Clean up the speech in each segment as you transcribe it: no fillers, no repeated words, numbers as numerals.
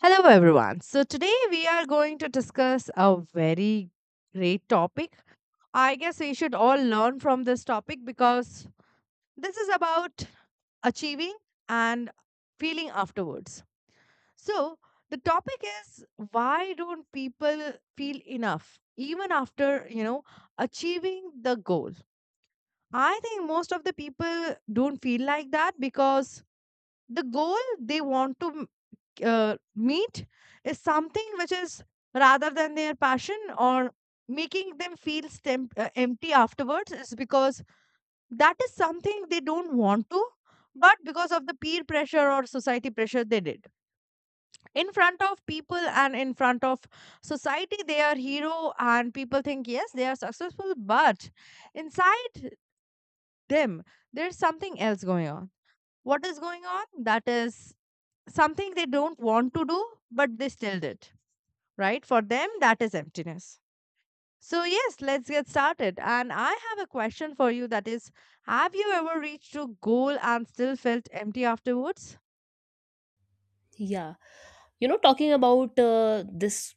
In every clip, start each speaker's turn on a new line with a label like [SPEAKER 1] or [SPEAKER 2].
[SPEAKER 1] Hello, everyone. So, today we are going to discuss a very great topic. I guess we should all learn from this topic because this is about achieving and feeling afterwards. So, the topic is why don't people feel enough even after, achieving the goal? I think most of the people don't feel like that because the goal they want to meet is something which is rather than their passion or making them feel empty afterwards is because that is something they don't want to but because of the peer pressure or society pressure they did in front of people and in front of society they are hero, and people think yes they are successful, but inside them there's something else going on. What is going on, that is something they don't want to do but they still did, right? For them, that is emptiness. So, yes, let's get started. And I have a question for you that is, have you ever reached a goal and still felt empty afterwards?
[SPEAKER 2] Yeah, talking about this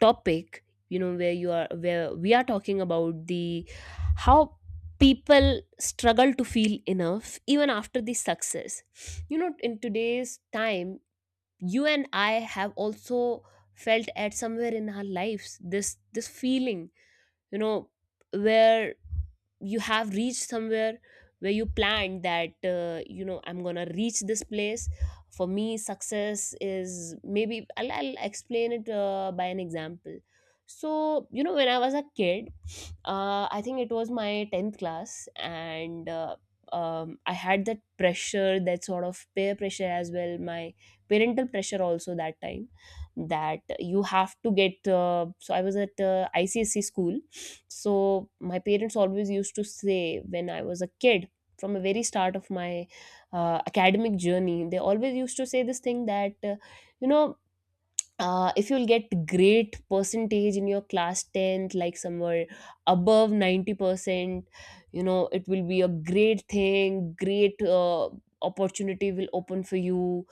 [SPEAKER 2] topic, where we are talking about the how people struggle to feel enough even after the success. In today's time, you and I have also felt at somewhere in our lives this feeling you know where you have reached somewhere where you planned that I'm gonna reach this place. For me, success is maybe I'll explain it by an example. So when I was a kid, I think it was my 10th class. And I had that pressure, that sort of peer pressure as well, my parental pressure also that time, that you have to get, so I was at icsc school. So my parents always used to say, when I was a kid, from the very start of my academic journey, they always used to say this thing that you know if you'll get great percentage in your class 10th, like somewhere above 90%, it will be a great thing, great opportunity will open for you,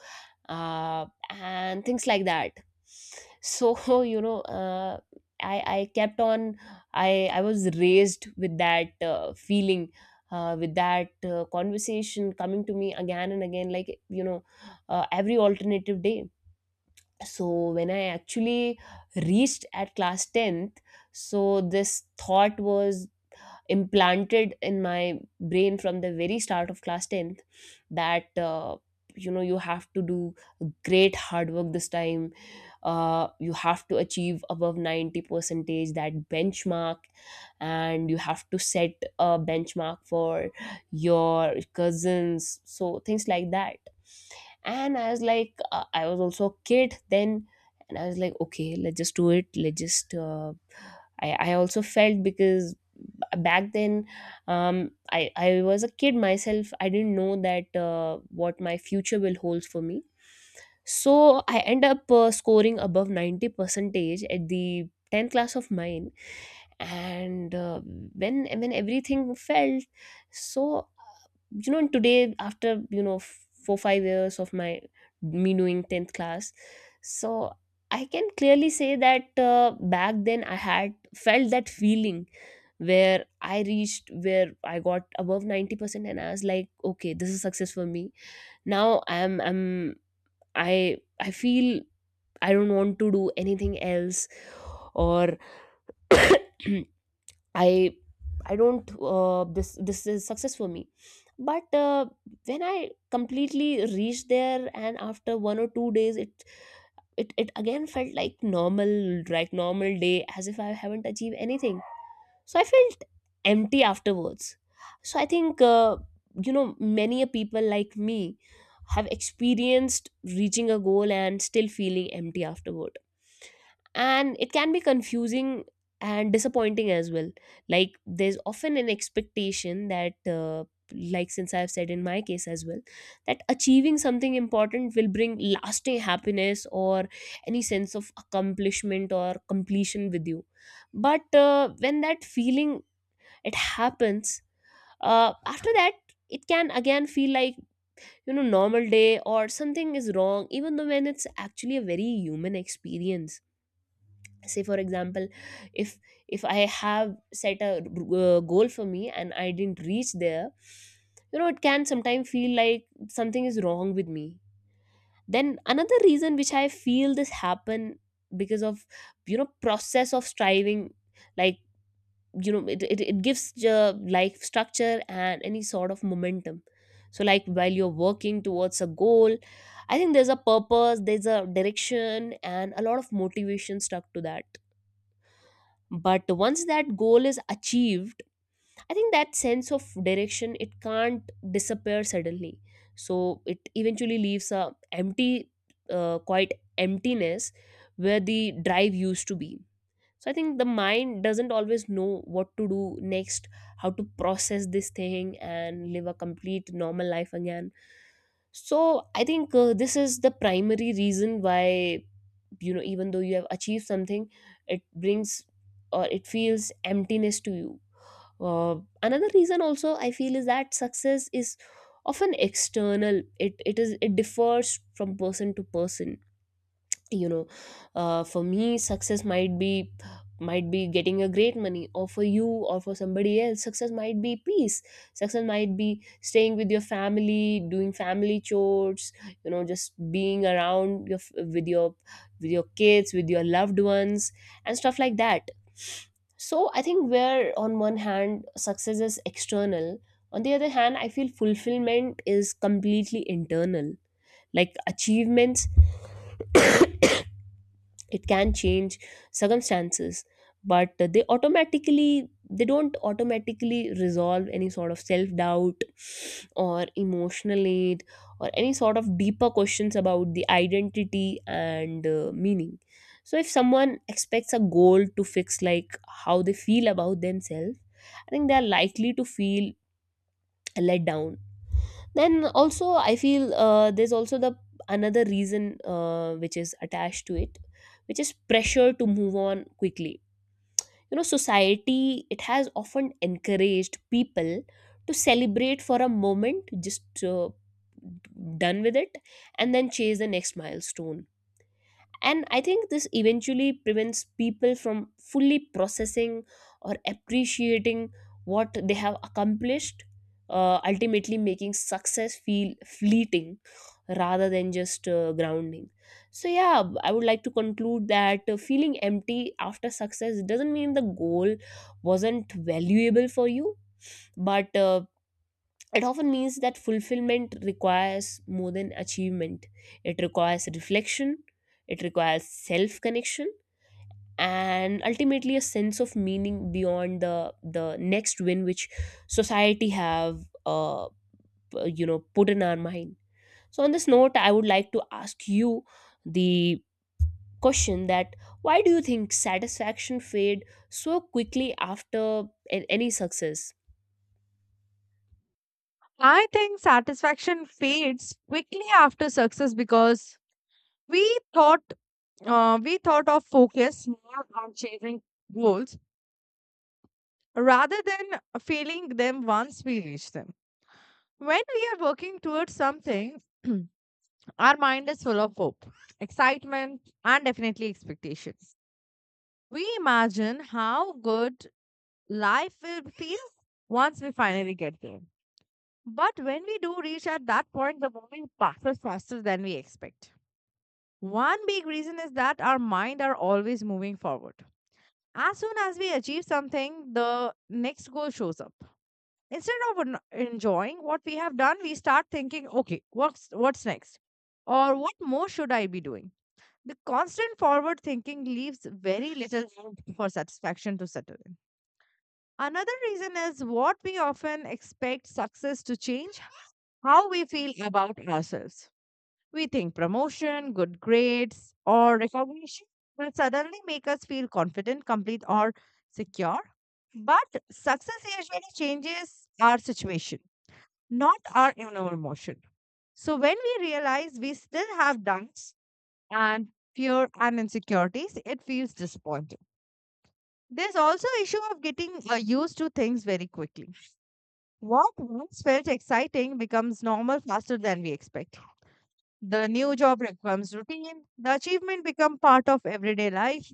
[SPEAKER 2] and things like that. So I kept on I was raised with that feeling, with that conversation coming to me again and again, like every alternative day. So when I actually reached at class 10th, so this thought was implanted in my brain from the very start of class 10th, that you have to do great hard work this time, you have to achieve above 90 percentage, that benchmark, and you have to set a benchmark for your cousins, so things like that. And I was like, I was also a kid then. And I was like, okay, let's just do it, let's just I also felt, because back then, I was a kid myself, I didn't know that what my future will hold for me. So I end up scoring above 90 percentage at the 10th class of mine. And when everything felt so, today after 4 5 years of my me doing 10th class, so I can clearly say that back then I had felt that feeling where I reached, where I got above 90%, and I was like, okay, this is success for me. Now I'm, I feel I don't want to do anything else, or i I don't, this is success for me. But when I completely reached there, and after 1 or 2 days, it again felt like normal, like normal day, as if I haven't achieved anything. So I felt empty afterwards. So I think you know many a people like me have experienced reaching a goal and still feeling empty afterward. And it can be confusing and disappointing as well. Like, there's often an expectation that, like, since I've said in my case as well, that achieving something important will bring lasting happiness or any sense of accomplishment or completion with you. But when that feeling it happens, after that, it can again feel like, normal day or something is wrong, even though when it's actually a very human experience. Say for example, if if I have set a goal for me and I didn't reach there, it can sometimes feel like something is wrong with me. Then another reason which I feel this happen, because of, process of striving, like, it gives life structure and any sort of momentum. So, like while you're working towards a goal, I think there's a purpose, there's a direction, and a lot of motivation stuck to that. But once that goal is achieved, I think that sense of direction, it can't disappear suddenly. So it eventually leaves a empty, quite emptiness, where the drive used to be. So I think the mind doesn't always know what to do next, how to process this thing and live a complete normal life again. So I think this is the primary reason why, even though you have achieved something, it brings or it feels emptiness to you. Uh, another reason also I feel is that success is often external. It differs from person to person. you know for me, success might be, getting a great money, or for you or for somebody else, success might be peace. Success might be staying with your family, doing family chores, just being around with your, kids, with your loved ones and stuff like that. So I think where on one hand success is external, on the other hand I feel fulfillment is completely internal. Like achievements, it can change circumstances, but they don't automatically resolve any sort of self doubt or emotional need, or any sort of deeper questions about the identity and meaning. So if someone expects a goal to fix, like, how they feel about themselves, I think they are likely to feel let down. Then also I feel there's also the another reason, which is attached to it, which is pressure to move on quickly. Society it has often encouraged people to celebrate for a moment, just done with it, and then chase the next milestone. And I think this eventually prevents people from fully processing or appreciating what they have accomplished, ultimately making success feel fleeting rather than just grounding. So, yeah, I would like to conclude that feeling empty after success doesn't mean the goal wasn't valuable for you, but it often means that fulfillment requires more than achievement. It requires reflection, it requires self connection, and ultimately a sense of meaning beyond the next win, which society have uh, put in our mind. So on this note, I would like to ask you the question, that why do you think satisfaction fade so quickly after any success?
[SPEAKER 1] I think satisfaction fades quickly after success because we thought we thought of focus more on chasing goals rather than feeling them once we reach them. When we are working towards something, our mind is full of hope, excitement, and definitely expectation. Reimagine how good life will feel once we finally get there. But when we do reach at that point, the moment passes faster than we expect. One big reason is that our mind are always moving forward. As soon as we achieve something, the next goal shows up. Instead of enjoying what we have done, we start thinking, okay, what's next? Or what more should I be doing? The constant forward thinking leaves very little room for satisfaction to settle in. Another reason is what we often expect success to change how we feel about ourselves. We think promotion, good grades, or recognition will suddenly make us feel confident, complete, or secure. But success usually changes our situation, not our inner emotion. So when we realize we still have doubts and fear and insecurities, it feels disappointing. There's also issue of getting used to things very quickly. What once felt exciting becomes normal faster than we expect. The new job becomes routine, the achievement becomes part of everyday life,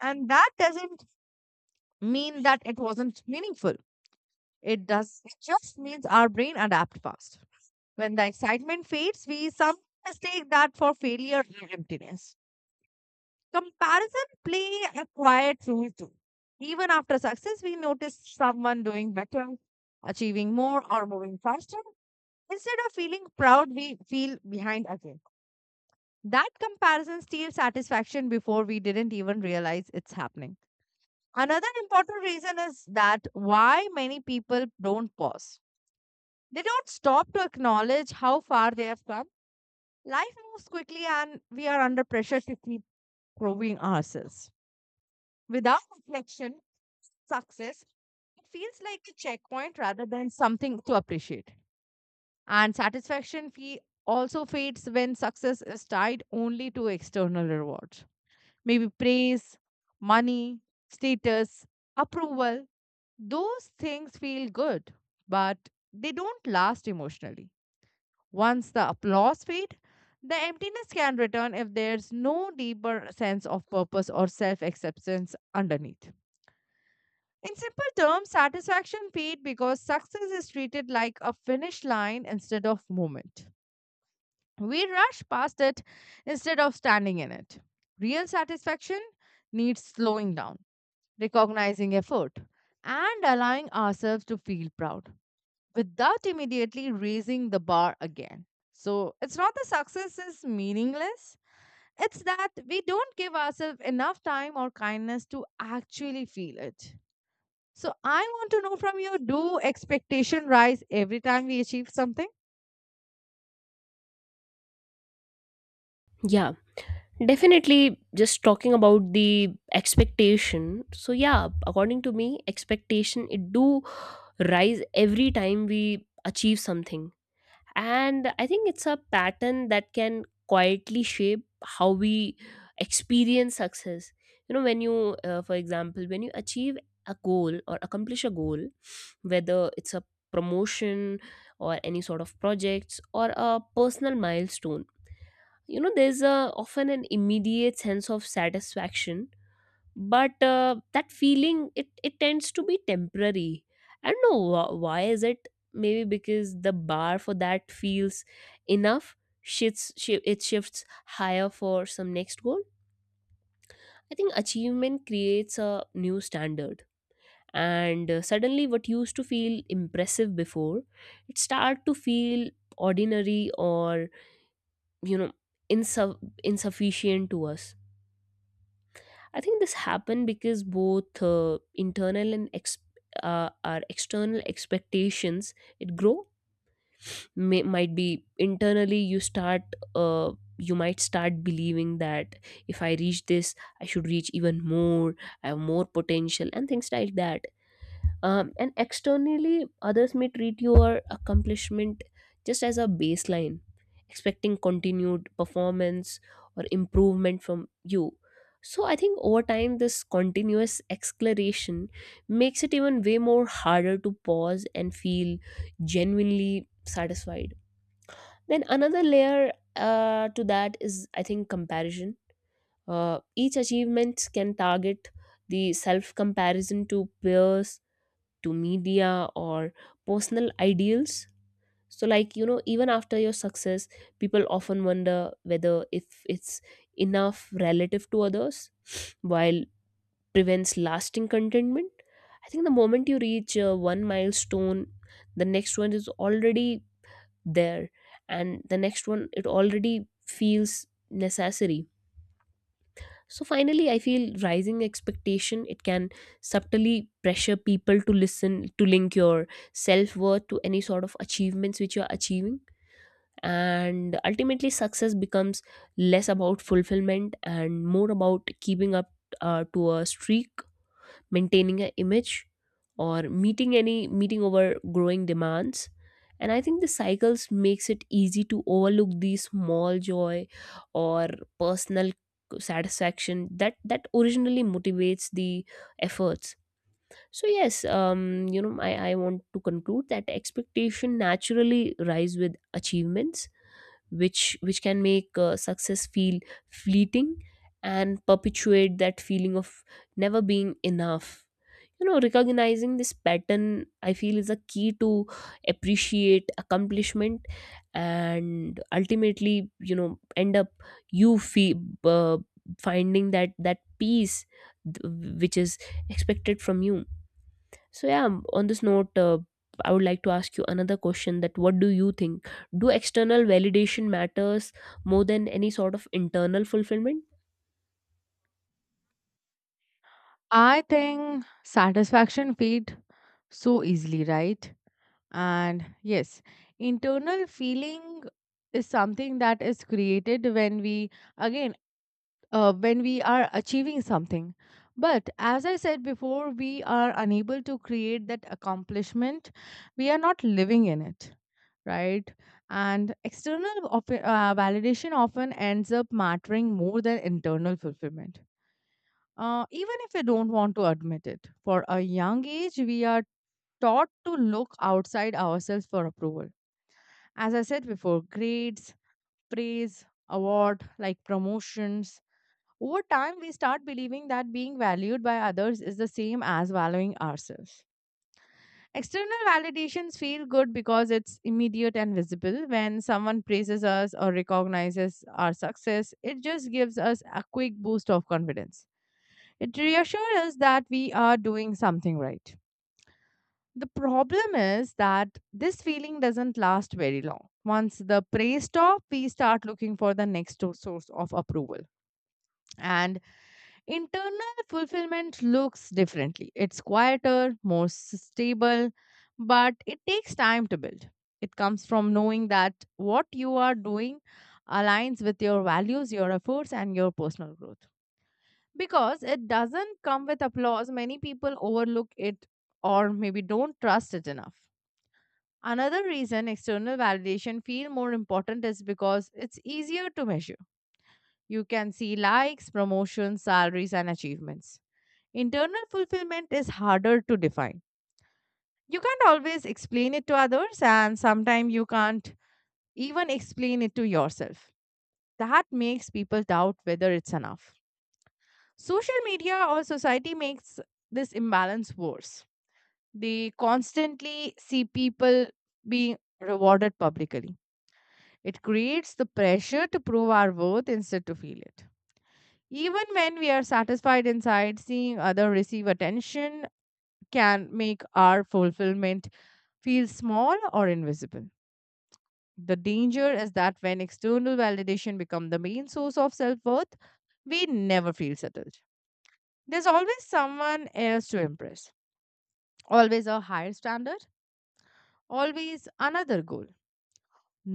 [SPEAKER 1] and that doesn't mean that it wasn't meaningful. It does, it just means our brain adapt fast. When the excitement fades, we sometimes take that for failure or emptiness. Comparison play a quiet role too. Even after success, we notice someone doing better, achieving more, or moving faster. Instead of feeling proud, we feel behind again. That comparison steals satisfaction before we didn't even realize it's happening. Another important reason is that why many people don't pause. They don't stop to acknowledge how far they have come. Life moves quickly and we are under pressure to keep proving ourselves. Without reflection, success, it feels like a checkpoint rather than something to appreciate. And satisfaction fee also fades when success is tied only to external rewards. Maybe praise, money, status, approval. Those things feel good, but they don't last emotionally. Once the applause fade, the emptiness can return if there's no deeper sense of purpose or self acceptance underneath. In simple terms, satisfaction fades because success is treated like a finish line instead of moment. We rush past it instead of standing in it. Real satisfaction needs slowing down, recognizing effort, and allowing ourselves to feel proud without immediately raising the bar again. So it's not the success is meaningless, it's that we don't give ourselves enough time or kindness to actually feel it. So I want to know from you, do expectation rise every time we achieve something?
[SPEAKER 2] Yeah, definitely. Just talking about the expectation. So yeah, according to me, expectation it do rise every time we achieve something, and I think it's a pattern that can quietly shape how we experience success. You know, for example, when you achieve a goal or accomplish a goal, whether it's a promotion or any sort of projects or a personal milestone, there's a often an immediate sense of satisfaction. But that feeling, it tends to be temporary. I don't know why is it? Maybe because the bar for that feels enough it shifts higher for some next goal. I think achievement creates a new standard, and suddenly what used to feel impressive before, it start to feel ordinary or, you know insu- insufficient to us. I think this happened because both internal and our external expectations it grow. Might be internally, uh, you might start believing that if I reach this, I should reach even more, I have more potential, and things like that. And externally, others may treat your accomplishment just as a baseline, expecting continued performance or improvement from you. So I think over time, this continuous exploration makes it even way more harder to pause and feel genuinely satisfied. Then another layer to that is, I think, comparison. Each achievement can target the self comparison to peers, to media, or personal ideals. So like, even after your success, people often wonder whether, if it's enough relative to others, while prevents lasting contentment. I think the moment you reach one milestone, the next one is already there, and the next one, it already feels necessary. So finally, I feel rising expectation it can subtly pressure people to listen to link your self worth to any sort of achievements which you are achieving, and ultimately, success becomes less about fulfillment and more about keeping up to a streak, maintaining an image, or meeting over growing demands. And I think the cycles makes it easy to overlook these small joy or personal satisfaction that originally motivates the efforts. So yes, I want to conclude that expectation naturally rise with achievements, which can make success feel fleeting and perpetuate that feeling of never being enough. Recognizing this pattern, I feel, is a key to appreciate accomplishment, and ultimately, end up you feel finding that peace, which is expected from you. So yeah, on this note, I would like to ask you another question, that what do you think? Do external validation matters more than any sort of internal fulfillment?
[SPEAKER 1] I think satisfaction feed so easily, right? And yes, internal feeling is something that is created when we, again, when we are achieving something. But as I said before, we are unable to create that accomplishment. We are not living in it, right? And external validation often ends up mattering more than internal fulfillment. Even if we don't want to admit it, for a young age, we are taught to look outside ourselves for approval. As I said before, grades, praise, award, like promotions. Over time, we start believing that being valued by others is the same as valuing ourselves. External validations feel good because it's immediate and visible. When someone praises us or recognizes our success, it just gives us a quick boost of confidence. It reassures us that we are doing something right. The problem is that this feeling doesn't last very long. Once the praise stops, we start looking for the source of approval. And internal fulfillment looks differently. It's quieter, more stable, but it takes time to build. It comes from knowing that what you are doing aligns with your values, your efforts, and your personal growth. Because it doesn't come with applause, many people overlook it or maybe don't trust it enough. Another reason external validation feel more important is because it's easier to measure. You can see likes, promotions, salaries and achievements. Internal fulfillment is harder to define. You can't always explain it to others and sometimes you can't even explain it to yourself. That makes people doubt whether it's enough. Social media or society makes this imbalance worse. They constantly see people being rewarded publicly. It creates the pressure to prove our worth instead to feel it. Even when we are satisfied inside, seeing other receive attention can make our fulfillment feel small or invisible. The danger is that when external validation becomes the main source of self worth, we never feel settled. There's always someone else to impress, always a higher standard, always another goal.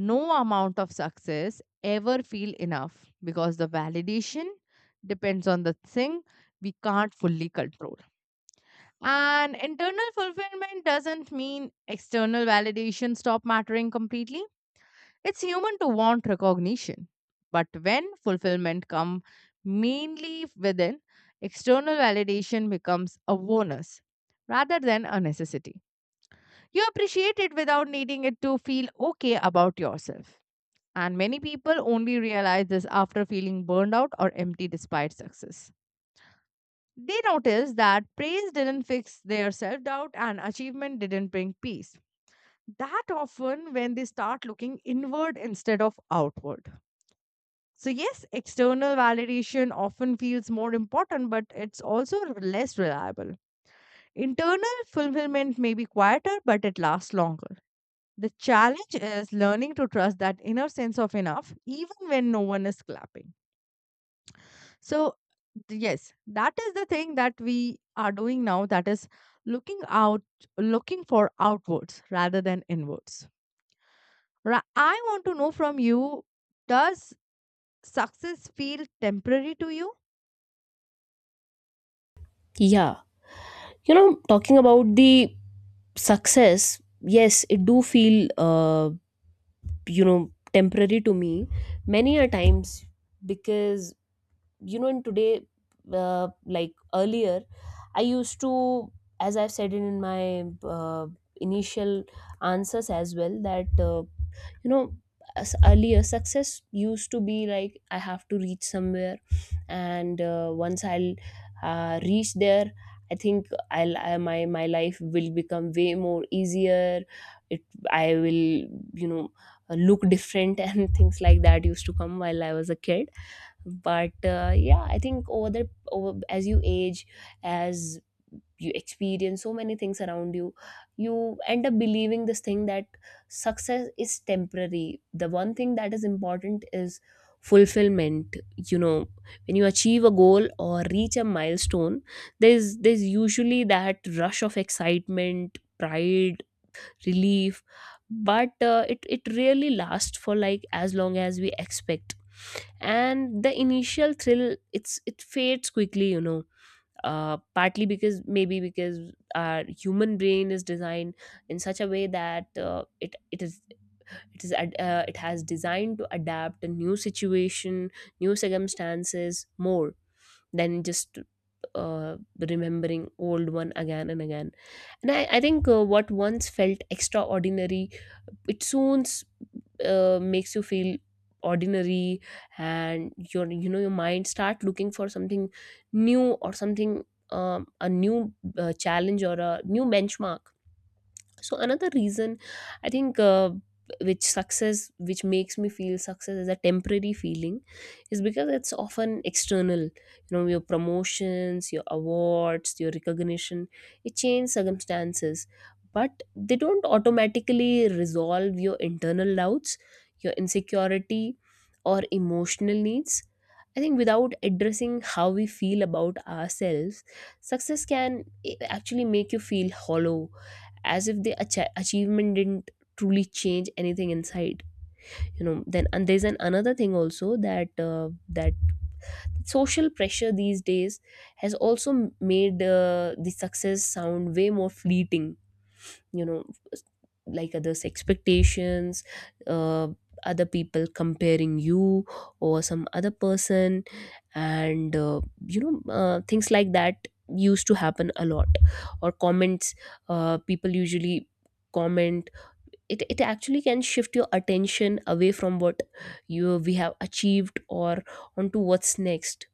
[SPEAKER 1] No amount of success ever feel enough because the validation depends on the thing we can't fully control. And internal fulfillment doesn't mean external validation stop mattering completely. It's human to want recognition. But when fulfillment come mainly within, external validation becomes a bonus rather than a necessity. You appreciate it without needing it to feel okay about yourself. And many people only realize this after feeling burned out or empty despite success. They notice that praise didn't fix their self doubt and achievement didn't bring peace. That often when they start looking inward instead of outward. So, yes, external validation often feels more important, but it's also less reliable. Internal fulfillment may be quieter, but it lasts longer. The challenge is learning to trust that inner sense of enough, even when no one is clapping. So, yes, that is the thing that we are doing now, that is looking out, looking for outwards rather than inwards. Ra- I want to know from you, does success feel temporary to you?
[SPEAKER 2] Yeah. You know, talking about the success, yes, it do feel you know, temporary to me many a times because you know in today like earlier I used to, as I've said in my initial answers as well, that you know, as earlier success used to be like I have to reach somewhere, and once I'll reach there, I think I'll my life will become way more easier. It, I will, you know, look different and things like that used to come while I was a kid. But yeah, I think over the over as you age, as you experience so many things around you, you end up believing this thing that success is temporary. The one thing that is important is fulfillment, you know. When you achieve a goal or reach a milestone, there's usually that rush of excitement, pride, relief, but it really lasts for like as long as we expect, and the initial thrill, it fades quickly, you know. Partly because, maybe because our human brain is designed in such a way that it it is it is it has designed to adapt a new situation, new circumstances more than just, uh, remembering old one again and again. And I think what once felt extraordinary, it soon makes you feel ordinary, and you know, your mind start looking for something new or something, a new challenge or a new benchmark. So another reason I think which makes me feel success is a temporary feeling is because it's often external, you know, your promotions, your awards, your recognition. It changes circumstances, but they don't automatically resolve your internal doubts, your insecurity, or emotional needs. I think without addressing how we feel about ourselves, success can actually make you feel hollow, as if the achievement didn't truly change anything inside, you know. Then, and there's an another thing also, that social pressure these days has also made the success sound way more fleeting, you know, like others expectations, uh, other people comparing you or some other person, and you know, things like that used to happen a lot, or comments. People usually comment, it actually can shift your attention away from what you we have achieved or onto what's next.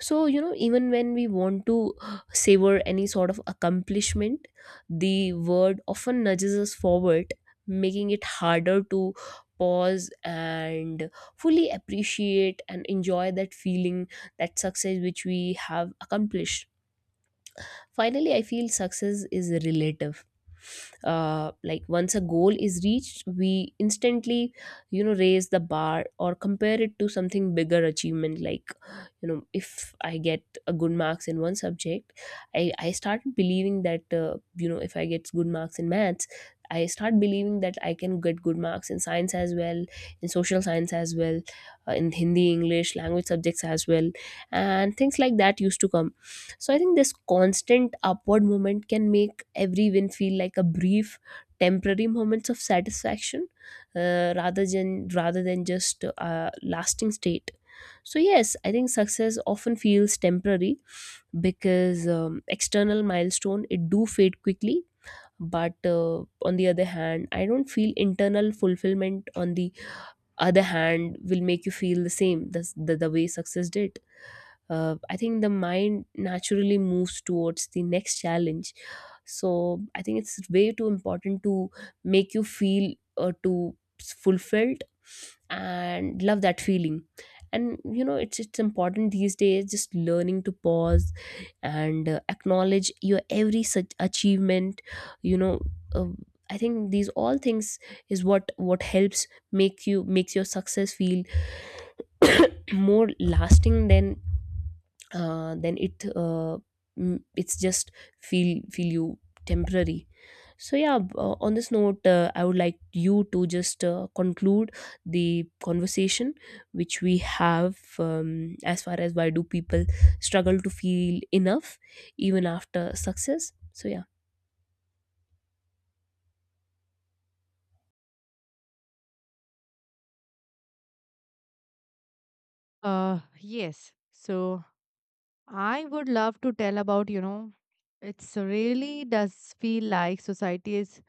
[SPEAKER 2] So you know, even when we want to savor any sort of accomplishment, the word often nudges us forward, making it harder to pause and fully appreciate and enjoy that feeling, that success which we have accomplished. Finally, I feel success is relative. Like, once a goal is reached, we instantly, you know, raise the bar or compare it to something bigger achievement. Like, you know, if I get a good marks in one subject, I started believing that you know, if I get good marks in maths, I start believing that I can get good marks in science as well, in social science as well, in Hindi, English, language subjects as well, and things like that used to come. So I think this constant upward movement can make every win feel like a brief, temporary moments of satisfaction, rather than just a lasting state. So yes, I think success often feels temporary because external milestone it do fade quickly. But on the other hand, I don't feel internal fulfillment. On the other hand, will make you feel the same the way success did. I think the mind naturally moves towards the next challenge. So I think it's way too important to make you feel to fulfilled and love that feeling. And you know, it's important these days just learning to pause and acknowledge your every such achievement. You know. Uh, I think these all things is what helps makes your success feel more lasting than uh, than it uh, it's just feel feel you temporary. So yeah, on this note, I would like you to just conclude the conversation which we have, as far as why do people struggle to feel enough even after success. So yeah.
[SPEAKER 1] Yes. So I would love to tell about, you know, it's really does feel like society is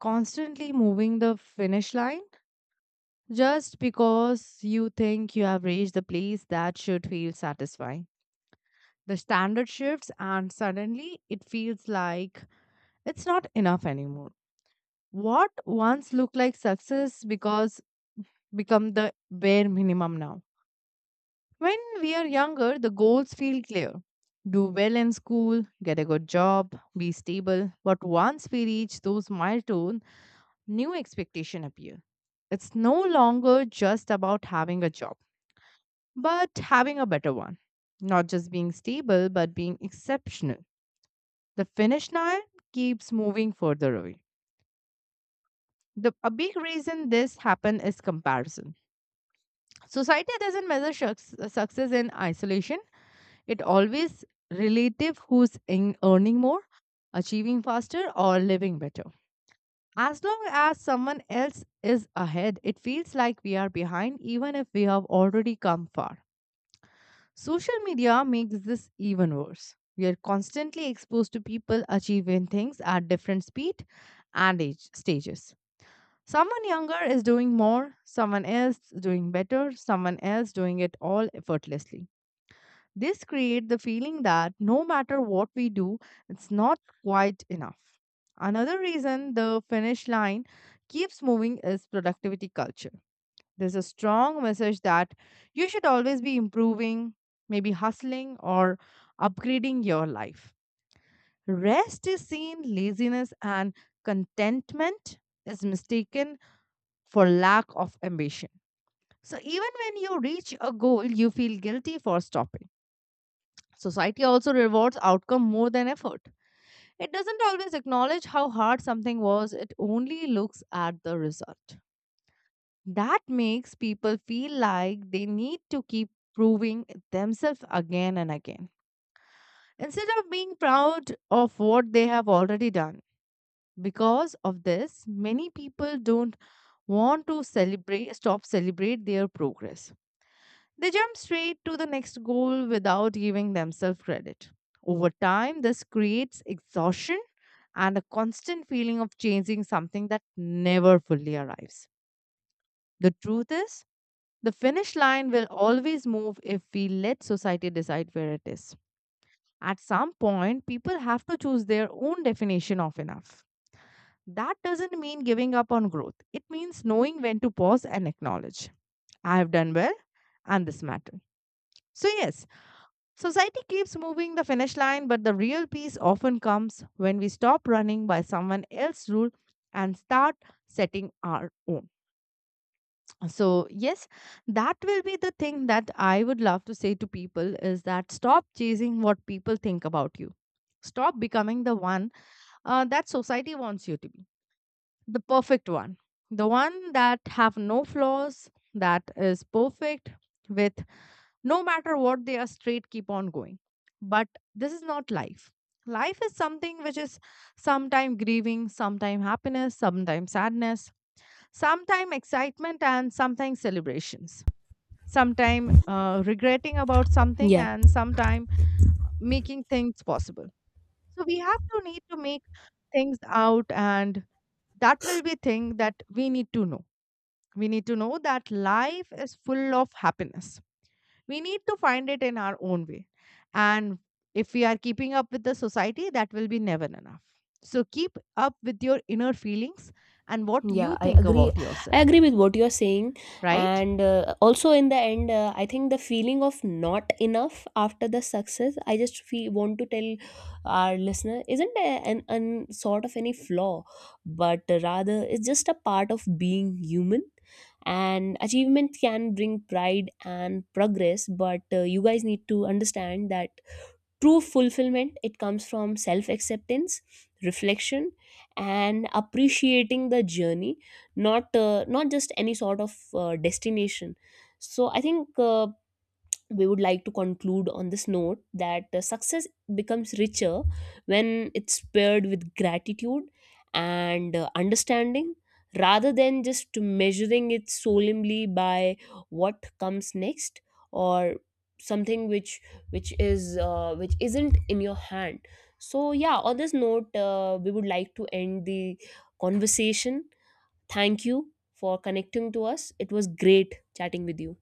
[SPEAKER 1] constantly moving the finish line just because you think you have reached the place that should feel satisfying. The standard shifts, and suddenly it feels like it's not enough anymore. What once looked like success because become the bare minimum now. When we are younger, the goals feel clear. Do well in school, get a good job, be stable. But once we reach those milestones, new expectation appear. It's no longer just about having a job, but having a better one. Not just being stable, but being exceptional. The finish line keeps moving further away. The, a big reason this happen is comparison. Society doesn't measure success in isolation. It always relative who's in earning more, achieving faster, or living better. As long as someone else is ahead, it feels like we are behind, even if we have already come far. Social media makes this even worse. We are constantly exposed to people achieving things at different speed and age stages. Someone younger is doing more, someone else doing better, someone else doing it all effortlessly. This creates the feeling that no matter what we do, it's not quite enough. Another reason the finish line keeps moving is productivity culture. There's a strong message that you should always be improving, maybe hustling or upgrading your life. Rest is seen, laziness and contentment is mistaken for lack of ambition. So even when you reach a goal, you feel guilty for stopping. Society also rewards outcome more than effort. It doesn't always acknowledge how hard something was, it only looks at the result. That makes people feel like they need to keep proving themselves again and again. Instead of being proud of what they have already done, because of this, many people don't want to celebrate stop celebrate their progress. They jump straight to the next goal without giving themselves credit. Over time, this creates exhaustion and a constant feeling of chasing something that never fully arrives. The truth is, the finish line will always move if we let society decide where it is. At some point, people have to choose their own definition of enough. That doesn't mean giving up on growth, it means knowing when to pause and acknowledge I have done well and this matters. So, yes, society keeps moving the finish line, but the real peace often comes when we stop running by someone else's rule and start setting our own. So, yes, that will be the thing that I would love to say to people is that stop chasing what people think about you. Stop becoming the one that society wants you to be, the perfect one, the one that have no flaws, that is perfect with no matter what they are straight keep on going, but this is not life. Life is something which is sometime grieving, sometime happiness, sometime sadness, sometime excitement and sometime celebrations, sometime regretting about something
[SPEAKER 2] Yeah,
[SPEAKER 1] and sometime making things possible. So we have to need to make things out, and that will be thing that we need to know. We need to know that life is full of happiness, we need to find it in our own way. And if we are keeping up with the society, that will be never enough. So keep up with your inner feelings and what
[SPEAKER 2] yeah,
[SPEAKER 1] you
[SPEAKER 2] I
[SPEAKER 1] think
[SPEAKER 2] agree.
[SPEAKER 1] about yourself,
[SPEAKER 2] I agree with what you're saying.
[SPEAKER 1] right?
[SPEAKER 2] And also in the end, I think the feeling of not enough after the success, I just feel, want to tell our listener isn't an sort of any flaw, but rather it's just a part of being human. And achievement can bring pride and progress, but you guys need to understand that true fulfillment, it comes from self acceptance, reflection, and appreciating the journey, not, not just any sort of destination. So I think we would like to conclude on this note that success becomes richer when it's paired with gratitude and understanding, rather than just measuring it solemnly by what comes next, or something which is which isn't in your hand. So yeah, on this note, we would like to end the conversation. Thank you for connecting to us. It was great chatting with you.